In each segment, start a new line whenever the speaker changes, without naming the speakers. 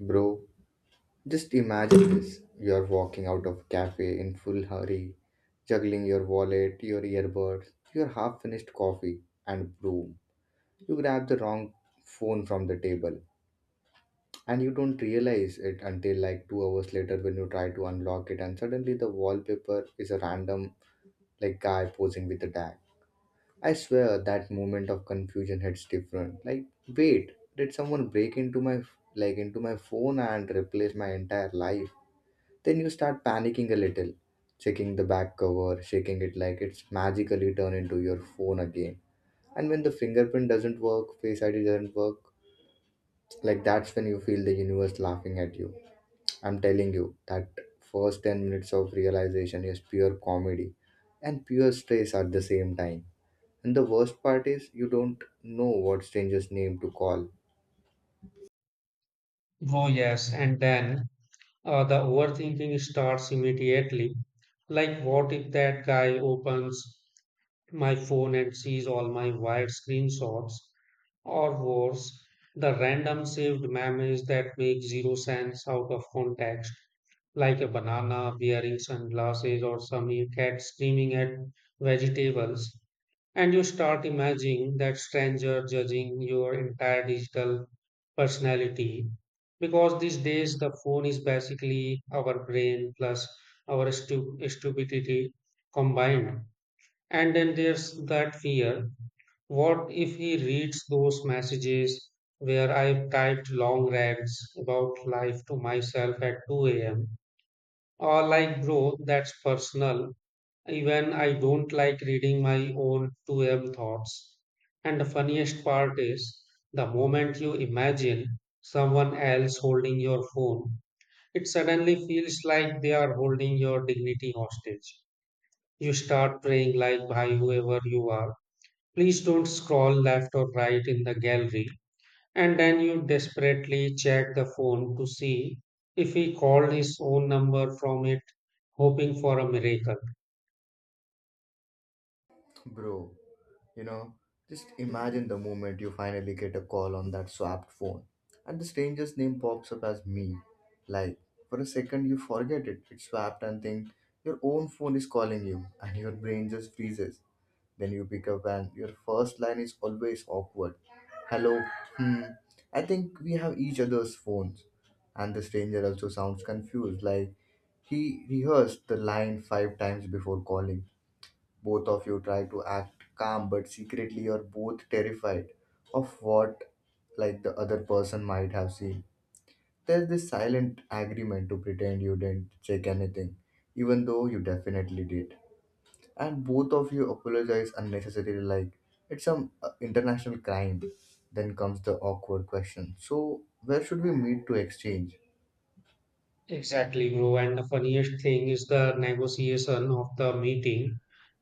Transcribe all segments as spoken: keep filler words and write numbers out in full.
Bro, just imagine this. You're walking out of cafe in full hurry, juggling your wallet, your earbuds, your half finished coffee, and boom, you grab the wrong phone from the table. And you don't realize it until like two hours later when you try to unlock it, and suddenly the wallpaper is a random like guy posing with a tag. I swear that moment of confusion hits different. Like, wait, did someone break into my like into my phone and replace my entire life? Then you start panicking a little, checking the back cover, shaking it like it's magically turned into your phone again. And when the fingerprint doesn't work, face I D doesn't work, like that's when you feel the universe laughing at you. I'm telling you, that first ten minutes of realization is pure comedy and pure stress at the same time. And the worst part is you don't know what stranger's name to call.
Oh, yes. And then uh, the overthinking starts immediately. Like, what if that guy opens my phone and sees all my wired screenshots? Or worse, the random saved memes that make zero sense out of context, like a banana wearing sunglasses or some cat screaming at vegetables. And you start imagining that stranger judging your entire digital personality. Because these days, the phone is basically our brain plus our stu- stupidity combined. And then there's that fear, what if he reads those messages where I've typed long rants about life to myself at two a m? Or, like, bro, that's personal. Even I don't like reading my own two M thoughts. And the funniest part is, the moment you imagine someone else holding your phone, it suddenly feels like they are holding your dignity hostage. You start praying like by whoever you are. Please don't scroll left or right in the gallery. And then you desperately check the phone to see if he called his own number from it, hoping for a miracle.
Bro, you know, just imagine the moment you finally get a call on that swapped phone and the stranger's name pops up as me. Like, for a second you forget it, it's swapped and think your own phone is calling you and your brain just freezes. Then you pick up and your first line is always awkward. Hello, hmm, I think we have each other's phones. And the stranger also sounds confused, like he rehearsed the line five times before calling. Both of you try to act calm, but secretly you're both terrified of what like the other person might have seen. There's this silent agreement to pretend you didn't check anything, even though you definitely did. And both of you apologize unnecessarily, like it's some uh, international crime. Then comes the awkward question. So, where should we meet to exchange?
Exactly, bro. And the funniest thing is the negotiation of the meeting.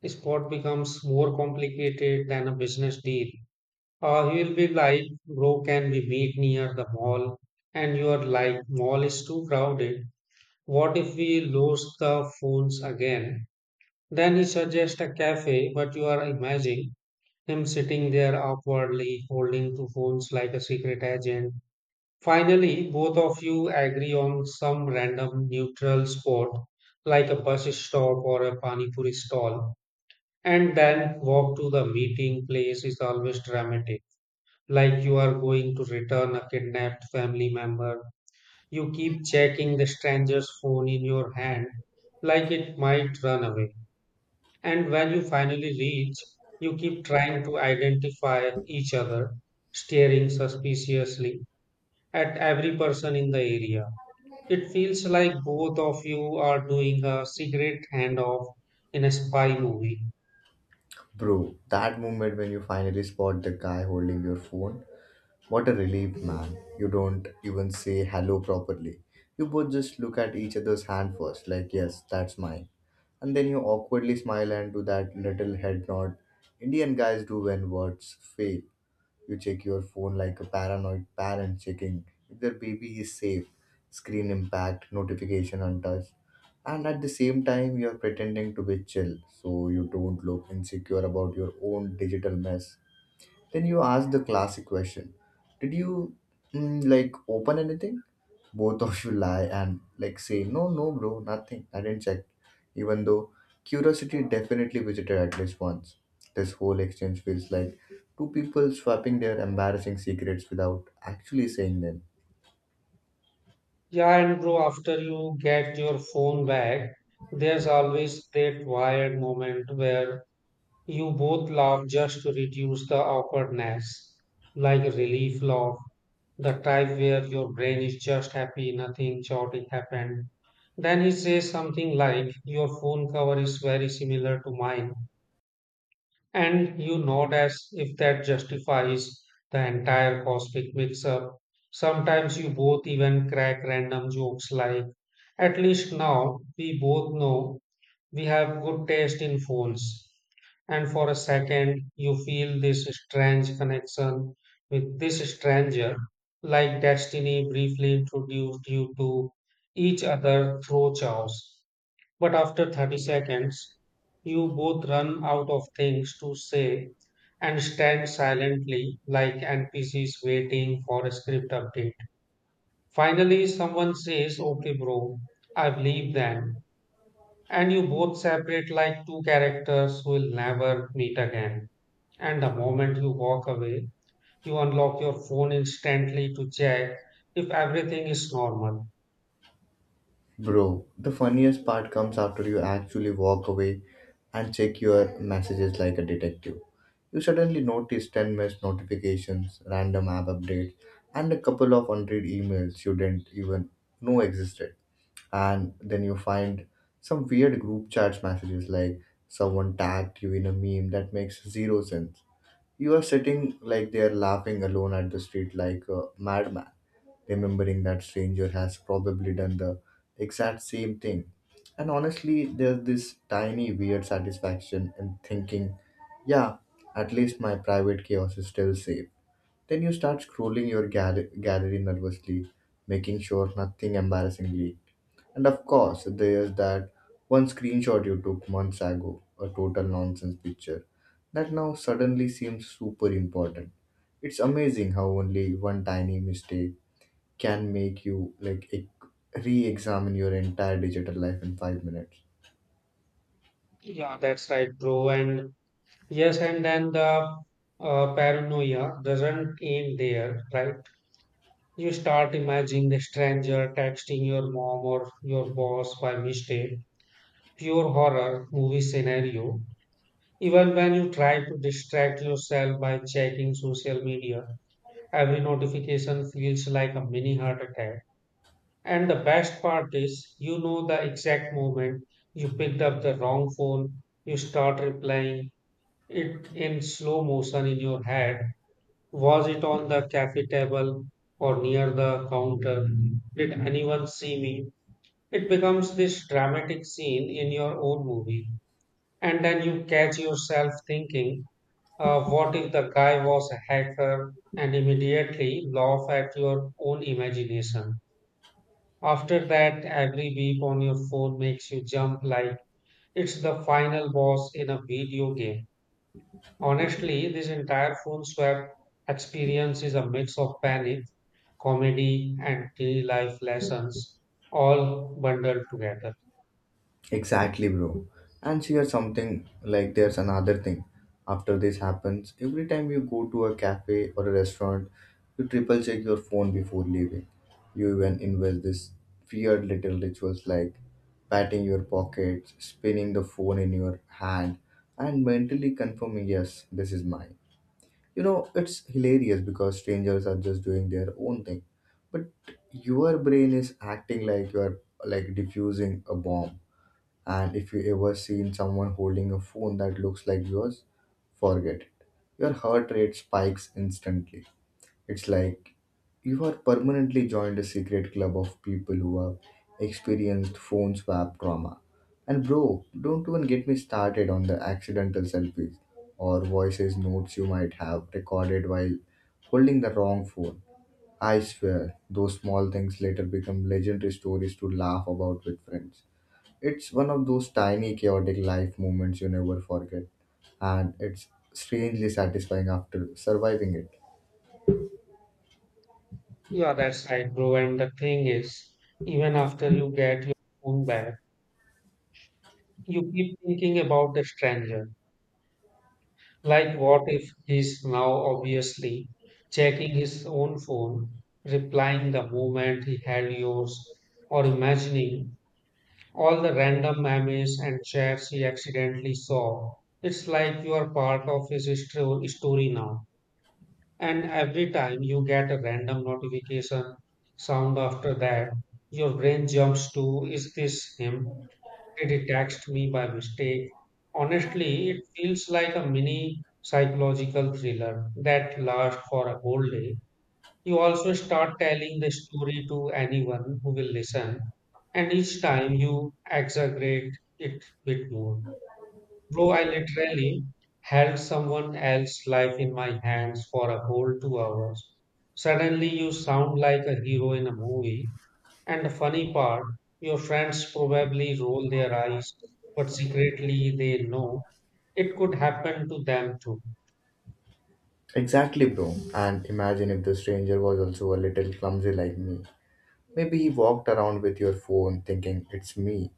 Sport becomes more complicated than a business deal. Uh, he will be like, bro, can we meet near the mall? And you are like, mall is too crowded. What if we lose the phones again? Then he suggests a cafe, but you are imagining him sitting there awkwardly holding two phones like a secret agent. Finally, both of you agree on some random neutral spot like a bus stop or a pani puri stall, and then walk to the meeting place is always dramatic, like you are going to return a kidnapped family member. You keep checking the stranger's phone in your hand like it might run away, and when you finally reach, you keep trying to identify each other, staring suspiciously at every person in the area. It feels like both of you are doing a secret handoff in a spy movie.
Bro, that moment when you finally spot the guy holding your phone. What a relief, man. You don't even say hello properly. You both just look at each other's hand first, like, yes, that's mine. And then you awkwardly smile and do that little head nod Indian guys do when words fail. You check your phone like a paranoid parent checking if their baby is safe, screen impact, notification untouched. And at the same time, you're pretending to be chill so you don't look insecure about your own digital mess. Then you ask the classic question. Did you mm, like open anything? Both of you lie and like say, no, no, bro, nothing. I didn't check. Even though curiosity definitely visited at least once. This whole exchange feels like two people swapping their embarrassing secrets without actually saying them.
Yeah, and bro, after you get your phone back, there's always that wired moment where you both laugh just to reduce the awkwardness, like a relief laugh, the type where your brain is just happy, nothing chaotic happened. Then he says something like, your phone cover is very similar to mine. And you nod as if that justifies the entire cosmic mix up. Sometimes you both even crack random jokes like, at least now we both know we have good taste in phones. And for a second, you feel this strange connection with this stranger, like destiny briefly introduced you to each other through chaos. But after thirty seconds, you both run out of things to say and stand silently like N P Cs waiting for a script update. Finally, someone says, okay, bro, I believe then. And you both separate like two characters who will never meet again. And the moment you walk away, you unlock your phone instantly to check if everything is normal.
Bro, the funniest part comes after you actually walk away and check your messages like a detective. You suddenly notice ten missed notifications, random app updates, and a couple of hundred emails you didn't even know existed. And then you find some weird group chats messages like someone tagged you in a meme that makes zero sense. You are sitting like they are laughing alone at the street like a madman, remembering that stranger has probably done the exact same thing. And honestly, there's this tiny weird satisfaction in thinking, yeah, at least my private chaos is still safe. Then you start scrolling your gal- gallery nervously, making sure nothing embarrassingly, and of course, there's that one screenshot you took months ago, a total nonsense picture, that now suddenly seems super important. It's amazing how only one tiny mistake can make you like e- re-examine your entire digital life in five minutes.
Yeah, that's right, bro. And yes, and then the uh, paranoia doesn't end there, right? You start imagining the stranger texting your mom or your boss by mistake. Pure horror movie scenario. Even when you try to distract yourself by checking social media, every notification feels like a mini heart attack. And the best part is, you know the exact moment you picked up the wrong phone, you start replying it in slow motion in your head. Was it on the cafe table or near the counter? Did anyone see me? It becomes this dramatic scene in your own movie. And then you catch yourself thinking, uh, what if the guy was a hacker? And immediately laugh at your own imagination. After that, every beep on your phone makes you jump like it's the final boss in a video game. Honestly, this entire phone swap experience is a mix of panic, comedy, and daily life lessons, all bundled together.
Exactly, bro. And here's something like there's another thing. After this happens, every time you go to a cafe or a restaurant, you triple check your phone before leaving. You even invest this weird little rituals like patting your pockets, spinning the phone in your hand, and mentally confirming, yes, this is mine. You know, it's hilarious because strangers are just doing their own thing. But your brain is acting like you are like diffusing a bomb, and if you ever seen someone holding a phone that looks like yours, forget it. Your heart rate spikes instantly. It's like you are permanently joined a secret club of people who have experienced phone swap trauma. And bro, don't even get me started on the accidental selfies or voices notes you might have recorded while holding the wrong phone. I swear, those small things later become legendary stories to laugh about with friends. It's one of those tiny, chaotic life moments you never forget, and it's strangely satisfying after surviving it.
Yeah, that's right, bro. And the thing is, even after you get your phone back, you keep thinking about the stranger. Like, what if he's now obviously checking his own phone, replying the moment he had yours, or imagining all the random memes and chats he accidentally saw. It's like you are part of his histo- story now. And every time you get a random notification sound after that, your brain jumps to, is this him? Did he text me by mistake? Honestly, it feels like a mini psychological thriller that lasts for a whole day. You also start telling the story to anyone who will listen, and each time you exaggerate it bit more. Bro, I literally held someone else's life in my hands for a whole two hours. Suddenly, you sound like a hero in a movie, and the funny part, your friends probably roll their eyes, but secretly they know it could happen to them too.
Exactly, bro. And imagine if the stranger was also a little clumsy like me. Maybe he walked around with your phone thinking it's me.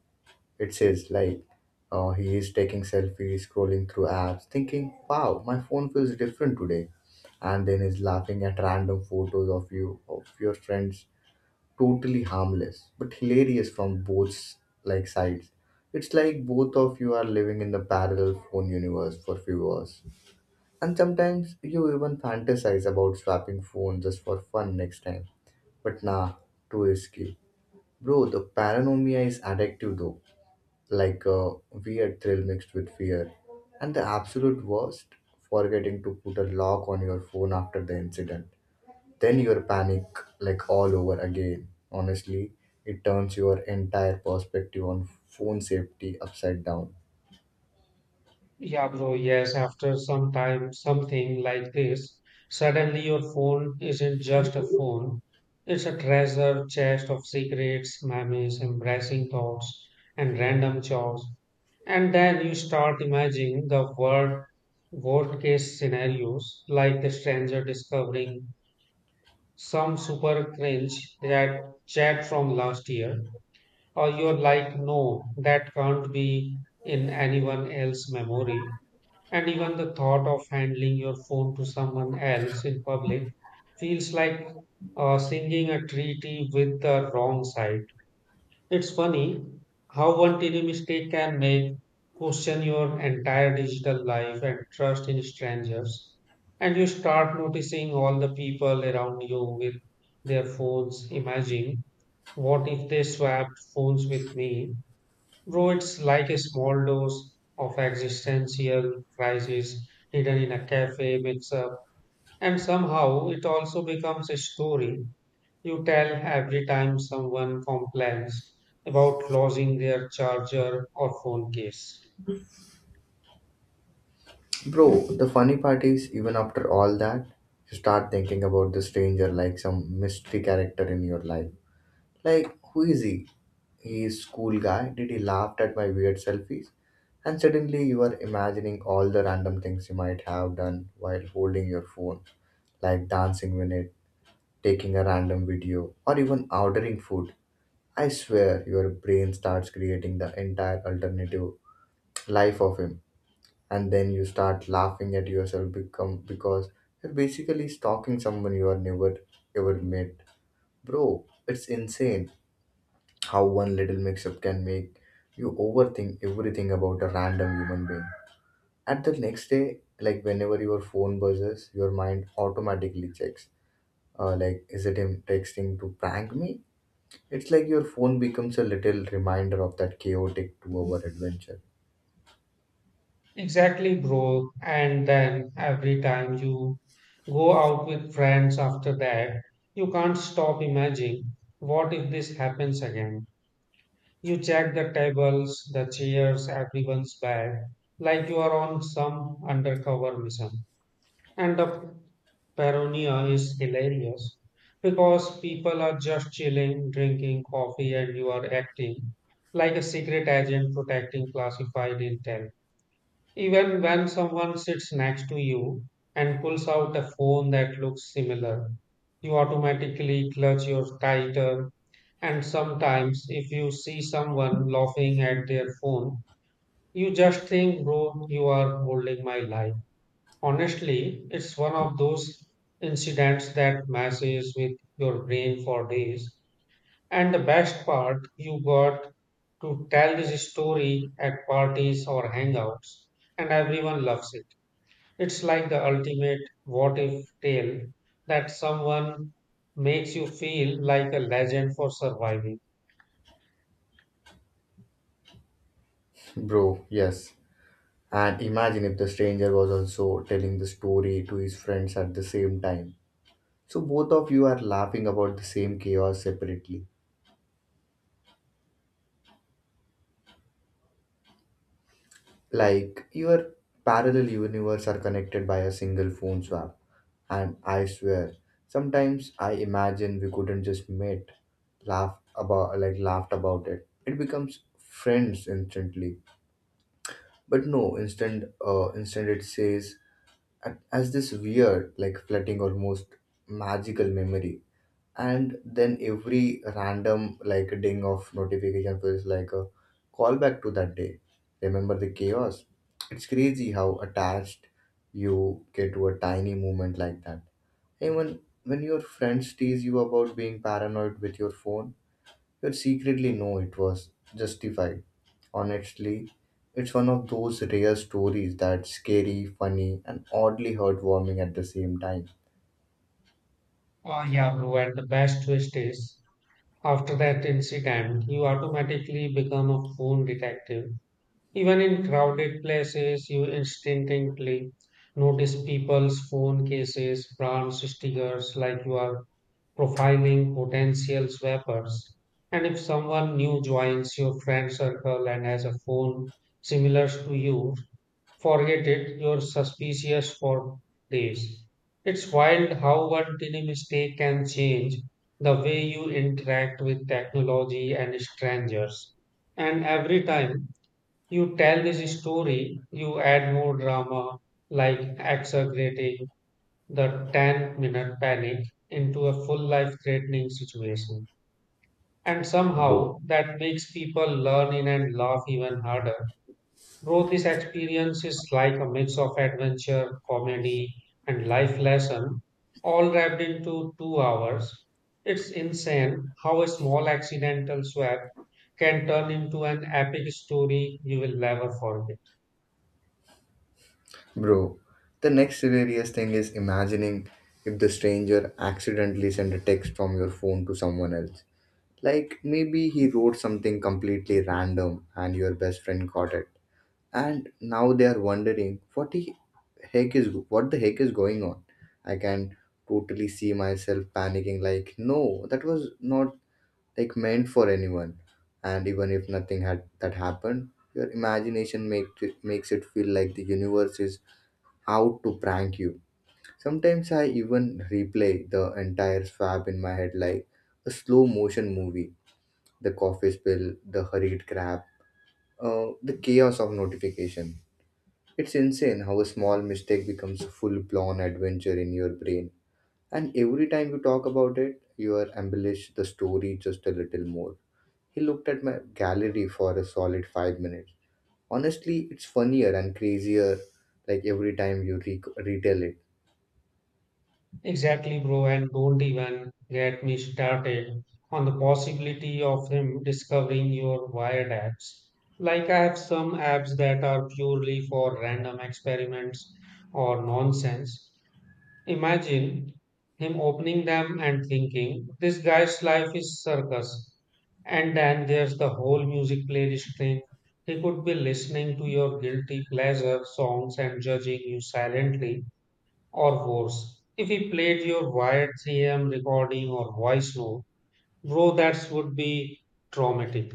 It says like, uh, he is taking selfies, scrolling through apps, thinking, wow, my phone feels different today. And then is laughing at random photos of you, of your friends, totally harmless but hilarious from both like sides. It's like both of you are living in the parallel phone universe for few hours, and sometimes you even fantasize about swapping phones just for fun next time, but nah, too risky. Bro, the paranoia is addictive though, like a weird thrill mixed with fear, and the absolute worst, forgetting to put a lock on your phone after the incident, then you're panic like all over again. Honestly, it turns your entire perspective on phone safety upside down.
Yeah, bro, yes, after some time, something like this, suddenly your phone isn't just a phone. It's a treasure chest of secrets, memories, embarrassing thoughts, and random chores. And then you start imagining the world worst case scenarios, like the stranger discovering some super cringe that chat from last year, or you're like, no, that can't be in anyone else's memory. And even the thought of handling your phone to someone else in public feels like uh, singing a treaty with the wrong side. It's funny how one tiny mistake can make question your entire digital life and trust in strangers. And you start noticing all the people around you with their phones. Imagine, what if they swapped phones with me? Though it's like a small dose of existential crisis hidden in a cafe mix up, and somehow it also becomes a story you tell every time someone complains about losing their charger or phone case.
Bro, the funny part is even after all that, you start thinking about the stranger like some mystery character in your life. Like, who is he? He is cool guy. Did he laugh at my weird selfies? And suddenly you are imagining all the random things you might have done while holding your phone, like dancing with it, taking a random video, or even ordering food. I swear your brain starts creating the entire alternative life of him, and then you start laughing at yourself become because you're basically stalking someone you are never ever met. Bro, it's insane how one little mix up can make you overthink everything about a random human being. At the next day, like whenever your phone buzzes, your mind automatically checks. Uh, like, is it him texting to prank me? It's like your phone becomes a little reminder of that chaotic two hour adventure.
Exactly, bro. And then every time you go out with friends after that, you can't stop imagining, what if this happens again? You check the tables, the chairs, everyone's bag, like you are on some undercover mission. And the paranoia is hilarious because people are just chilling, drinking coffee, and you are acting like a secret agent protecting classified intel. Even when someone sits next to you and pulls out a phone that looks similar, you automatically clutch yours tighter. And sometimes, if you see someone laughing at their phone, you just think, bro, you are holding my life. Honestly, it's one of those incidents that messes with your brain for days. And the best part, you got to tell this story at parties or hangouts, and everyone loves it. It's like the ultimate what if tale that someone makes you feel like a legend for surviving.
Bro, yes. And imagine if the stranger was also telling the story to his friends at the same time. So both of you are laughing about the same chaos separately. Like your parallel universe are connected by a single phone swap. And I swear, sometimes I imagine we couldn't just meet, laugh about like laughed about it. It becomes friends instantly, but no, instead uh, instead it says a- as this weird like flooding almost magical memory, and then every random like ding of notification feels like a callback to that day, remember the chaos. It's crazy how attached you get to a tiny moment like that, even when your friends tease you about being paranoid with your phone. You'd secretly, know it was justified. Honestly, it's one of those rare stories that's scary, funny, and oddly heartwarming at the same time.
Oh, yeah, bro. And the best twist is, after that incident, you automatically become a phone detective. Even in crowded places, you instinctively notice people's phone cases, brands, stickers, like you are profiling potential swappers. And if someone new joins your friend circle and has a phone similar to you, forget it, you're suspicious for days. It's wild how one tiny mistake can change the way you interact with technology and strangers. And every time you tell this story, you add more drama, like exaggerating the ten minute panic into a full life threatening situation. And
Bro,
somehow that makes people learn in and laugh even harder. Bro, this experience is like a mix of adventure, comedy, and life lesson, all wrapped into two hours. It's insane how a small accidental swap can turn into an epic story you will never forget.
bro, the next hilarious thing is imagining if the stranger accidentally sent a text from your phone to someone else. Like maybe he wrote something completely random and your best friend got it, and now they are wondering what the heck is what the heck is going on. I can totally see myself panicking like, no, that was not like meant for anyone. And even if nothing had that happened, your imagination make makes it feel like the universe is out to prank you. Sometimes I even replay the entire swap in my head like a slow motion movie, the coffee spill, the hurried grab, uh, the chaos of notification. It's insane how a small mistake becomes a full blown adventure in your brain. And every time you talk about it, you are embellish the story just a little more. He looked at my gallery for a solid five minutes. Honestly, it's funnier and crazier like every time you re- retell it.
Exactly, bro, and don't even get me started on the possibility of him discovering your wired apps. Like, I have some apps that are purely for random experiments or nonsense. Imagine him opening them and thinking, this guy's life is circus. And then there's the whole music playlist thing. He could be listening to your guilty pleasure songs and judging you silently, or worse. If he played your wired three M recording or voice note, bro, that would be traumatic.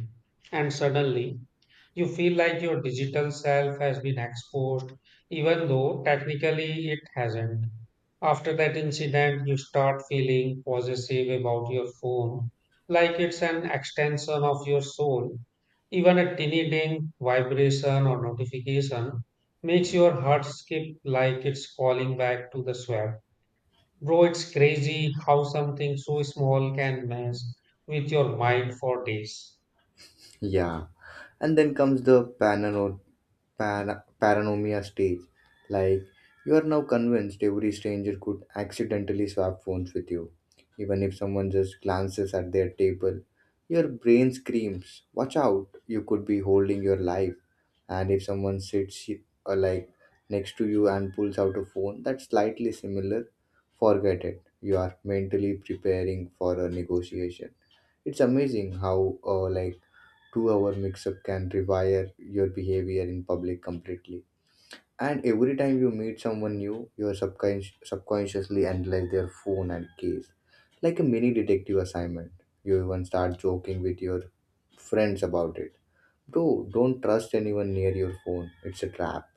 And suddenly, you feel like your digital self has been exposed, even though technically it hasn't. After that incident, you start feeling possessive about your phone, like it's an extension of your soul. Even a tiny ding, vibration, or notification makes your heart skip like it's calling back to the swamp. Bro, it's crazy how something so small can mess with your mind for days.
Yeah. And then comes the panel para- paranoia stage. Like, you are now convinced every stranger could accidentally swap phones with you. Even if someone just glances at their table, your brain screams, watch out, you could be holding your life. And if someone sits uh, like next to you and pulls out a phone that's slightly similar, forget it. You are mentally preparing for a negotiation. It's amazing how uh, like two hour mix up can rewire your behavior in public completely. And every time you meet someone new, you subconscious subconsciously analyze their phone and case. Like a mini detective assignment. You even start joking with your friends about it. Bro, don't trust anyone near your phone. It's a trap.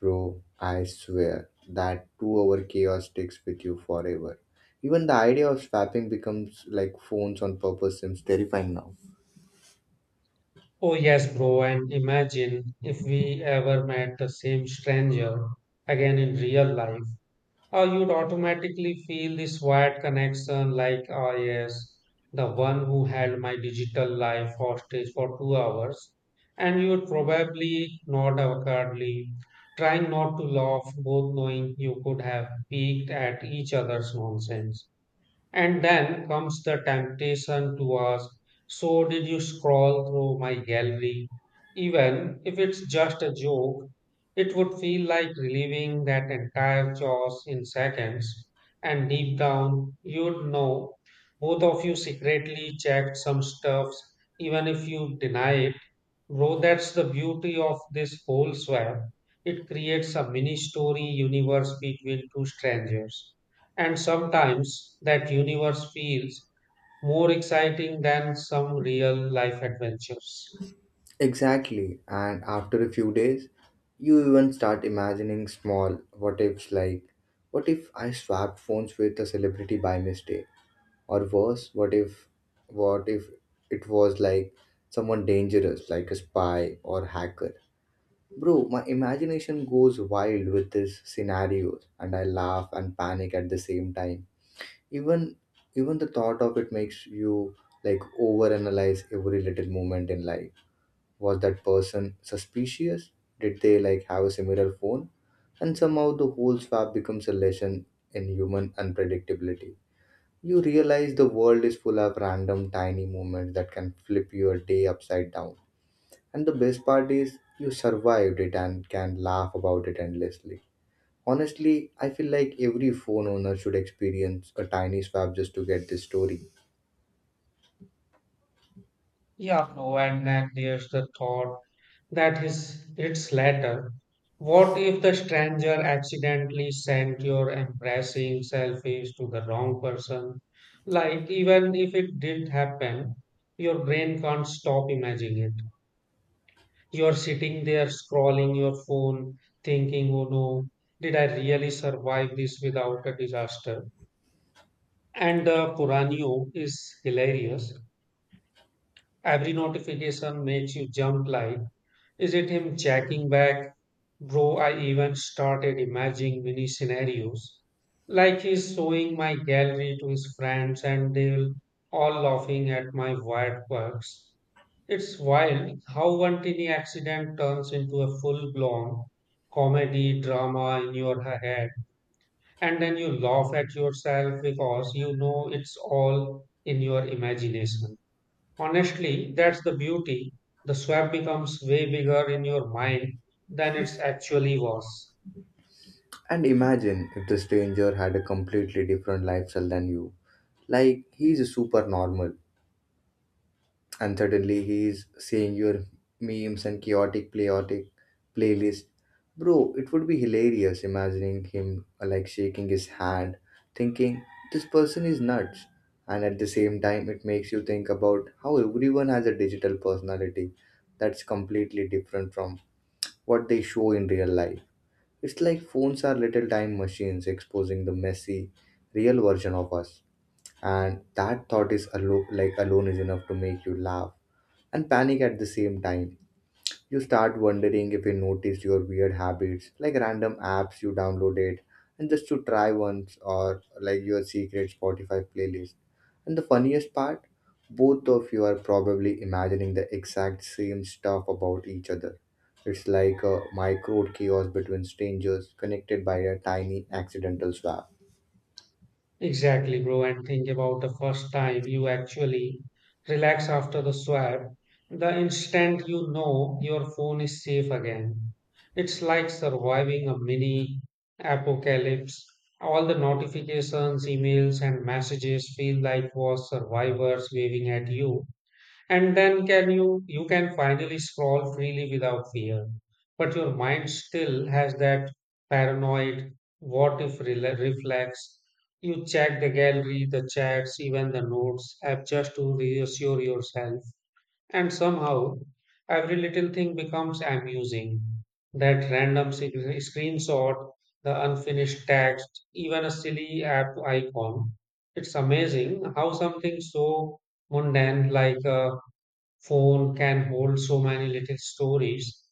Bro, I swear that two hour chaos sticks with you forever. Even the idea of swapping becomes like phones on purpose seems terrifying now.
Oh, yes, bro. And imagine if we ever met the same stranger again in real life. Uh, you'd automatically feel this wired connection like, ah, yes, the one who held my digital life hostage for two hours. And you'd probably nod awkwardly, trying not to laugh, both knowing you could have peeked at each other's nonsense. And then comes the temptation to ask, so did you scroll through my gallery? Even if it's just a joke, it would feel like relieving that entire chores in seconds. And deep down, you'd know both of you secretly checked some stuffs, even if you deny it. Bro, that's the beauty of this whole swap. It creates a mini story universe between two strangers. And sometimes that universe feels more exciting than some real life adventures.
Exactly. And after a few days, you even start imagining small what ifs like, what if I swapped phones with a celebrity by mistake? Or worse, what if, what if it was like someone dangerous, like a spy or hacker? Bro, my imagination goes wild with these scenarios, and I laugh and panic at the same time. Even, even the thought of it makes you like overanalyze every little moment in life. Was that person suspicious? Did they like have a similar phone? And somehow the whole swap becomes a lesson in human unpredictability. You realize the world is full of random tiny moments that can flip your day upside down, and the best part is you survived it and can laugh about it endlessly. Honestly, I feel like every phone owner should experience a tiny swap just to get this story.
Yeah, no, and then there's the thought that is it's later. What if the stranger accidentally sent your embarrassing selfies to the wrong person? Like, even if it didn't happen, your brain can't stop imagining it. You're sitting there scrolling your phone, thinking, oh no, did I really survive this without a disaster? And the Puranio is hilarious. Every notification makes you jump like, is it him checking back? Bro, I even started imagining mini scenarios. Like he's showing my gallery to his friends and they'll all laughing at my wild quirks. It's wild how one tiny accident turns into a full blown comedy drama in your head, and then you laugh at yourself because you know it's all in your imagination. Honestly, that's the beauty. The swap becomes way bigger in your mind than it actually was.
And imagine if the stranger had a completely different lifestyle than you. Like he's super normal and suddenly he's seeing your memes and chaotic chaotic playlist. Bro, it would be hilarious imagining him uh, like shaking his hand, thinking this person is nuts. And at the same time it makes you think about how everyone has a digital personality that's completely different from what they show in real life. It's like phones are little time machines exposing the messy, real version of us. And that thought is alo- like alone is enough to make you laugh and panic at the same time. You start wondering if you notice your weird habits, like random apps you downloaded and just to try once, or like your secret Spotify playlist. And the funniest part, both of you are probably imagining the exact same stuff about each other. It's like a micro chaos between strangers connected by a tiny accidental swap.
Exactly, bro. And think about the first time you actually relax after the swap. The instant you know your phone is safe again, it's like surviving a mini apocalypse. All the notifications, emails, and messages feel like was survivors waving at you, and then can you you can finally scroll freely without fear. But your mind still has that paranoid what if rela- reflex. You check the gallery, the chats, even the notes app just to reassure yourself. And somehow every little thing becomes amusing, that random sig- screenshot, the unfinished text, even a silly app icon. It's amazing how something so mundane like a phone can hold so many little stories.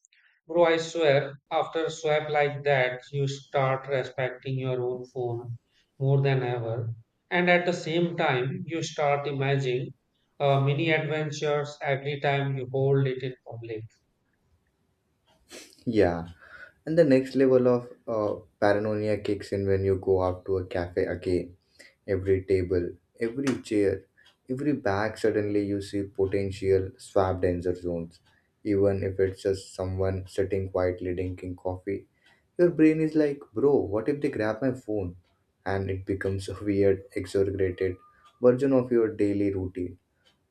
Bro, I swear, after swap like that, you start respecting your own phone more than ever. And at the same time, you start imagining uh, mini adventures every time you hold it in public.
Yeah. And the next level of uh, paranoia kicks in when you go out to a cafe again. Every table, every chair, every bag, suddenly you see potential swap danger zones. Even if it's just someone sitting quietly drinking coffee, your brain is like, bro, what if they grab my phone? And it becomes a weird, exaggerated version of your daily routine,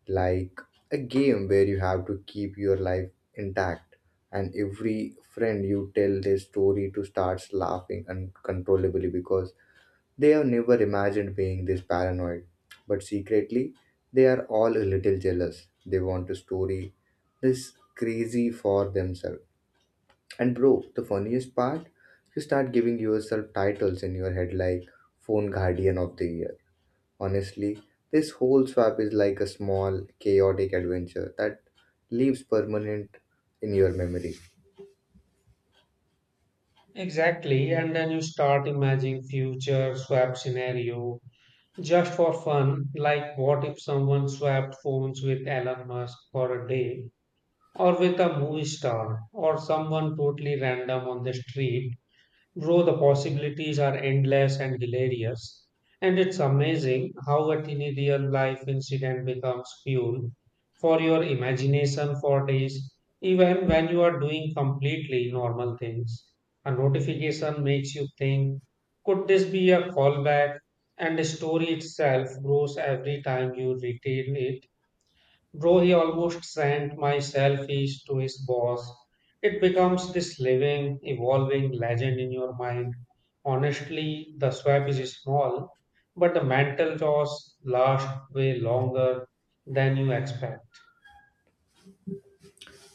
like a game where you have to keep your life intact. And every friend you tell their story to starts laughing uncontrollably because they have never imagined being this paranoid, but secretly, they are all a little jealous. They want to story this crazy for themselves. And bro, the funniest part, you start giving yourself titles in your head like Phone Guardian of the Year. Honestly, this whole swap is like a small, chaotic adventure that leaves permanent in your memory.
Exactly. And then you start imagining future swap scenario just for fun. Like, what if someone swapped phones with Elon Musk for a day? Or with a movie star or someone totally random on the street, bro, the possibilities are endless and hilarious. And it's amazing how a teeny real life incident becomes fuel for your imagination for days, even when you are doing completely normal things. A notification makes you think, could this be a callback? And the story itself grows every time you retell it. Though he almost sent my selfies to his boss, it becomes this living, evolving legend in your mind. Honestly, the swap is small, but the mental jaws last way longer than you expect.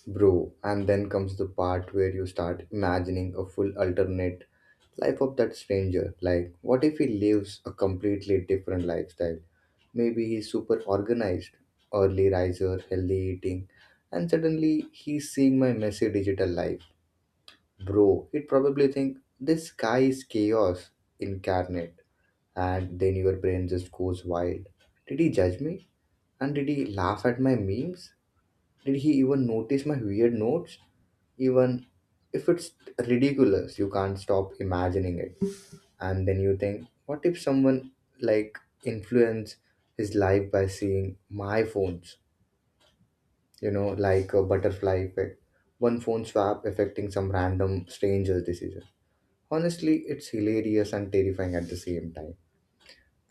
Bro, and then comes the part where you start imagining a full alternate life of that stranger. Like, what if he lives a completely different lifestyle? Maybe he's super organized, early riser, healthy eating, and suddenly he's seeing my messy digital life. Bro, he'd probably think this guy is chaos incarnate, and then your brain just goes wild. Did he judge me? And did he laugh at my memes? Did he even notice my weird notes? Even if it's ridiculous, you can't stop imagining it. And then you think, what if someone like influence his life by seeing my phones? You know, like a butterfly effect, one phone swap affecting some random stranger's decision. Honestly, it's hilarious and terrifying at the same time.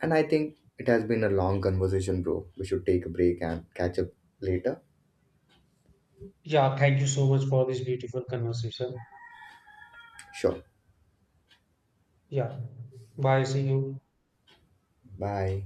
And I think it has been a long conversation, bro. We should take a break and catch up later.
Yeah, thank you so much for this beautiful conversation.
Sure.
Yeah, bye, see you.
Bye.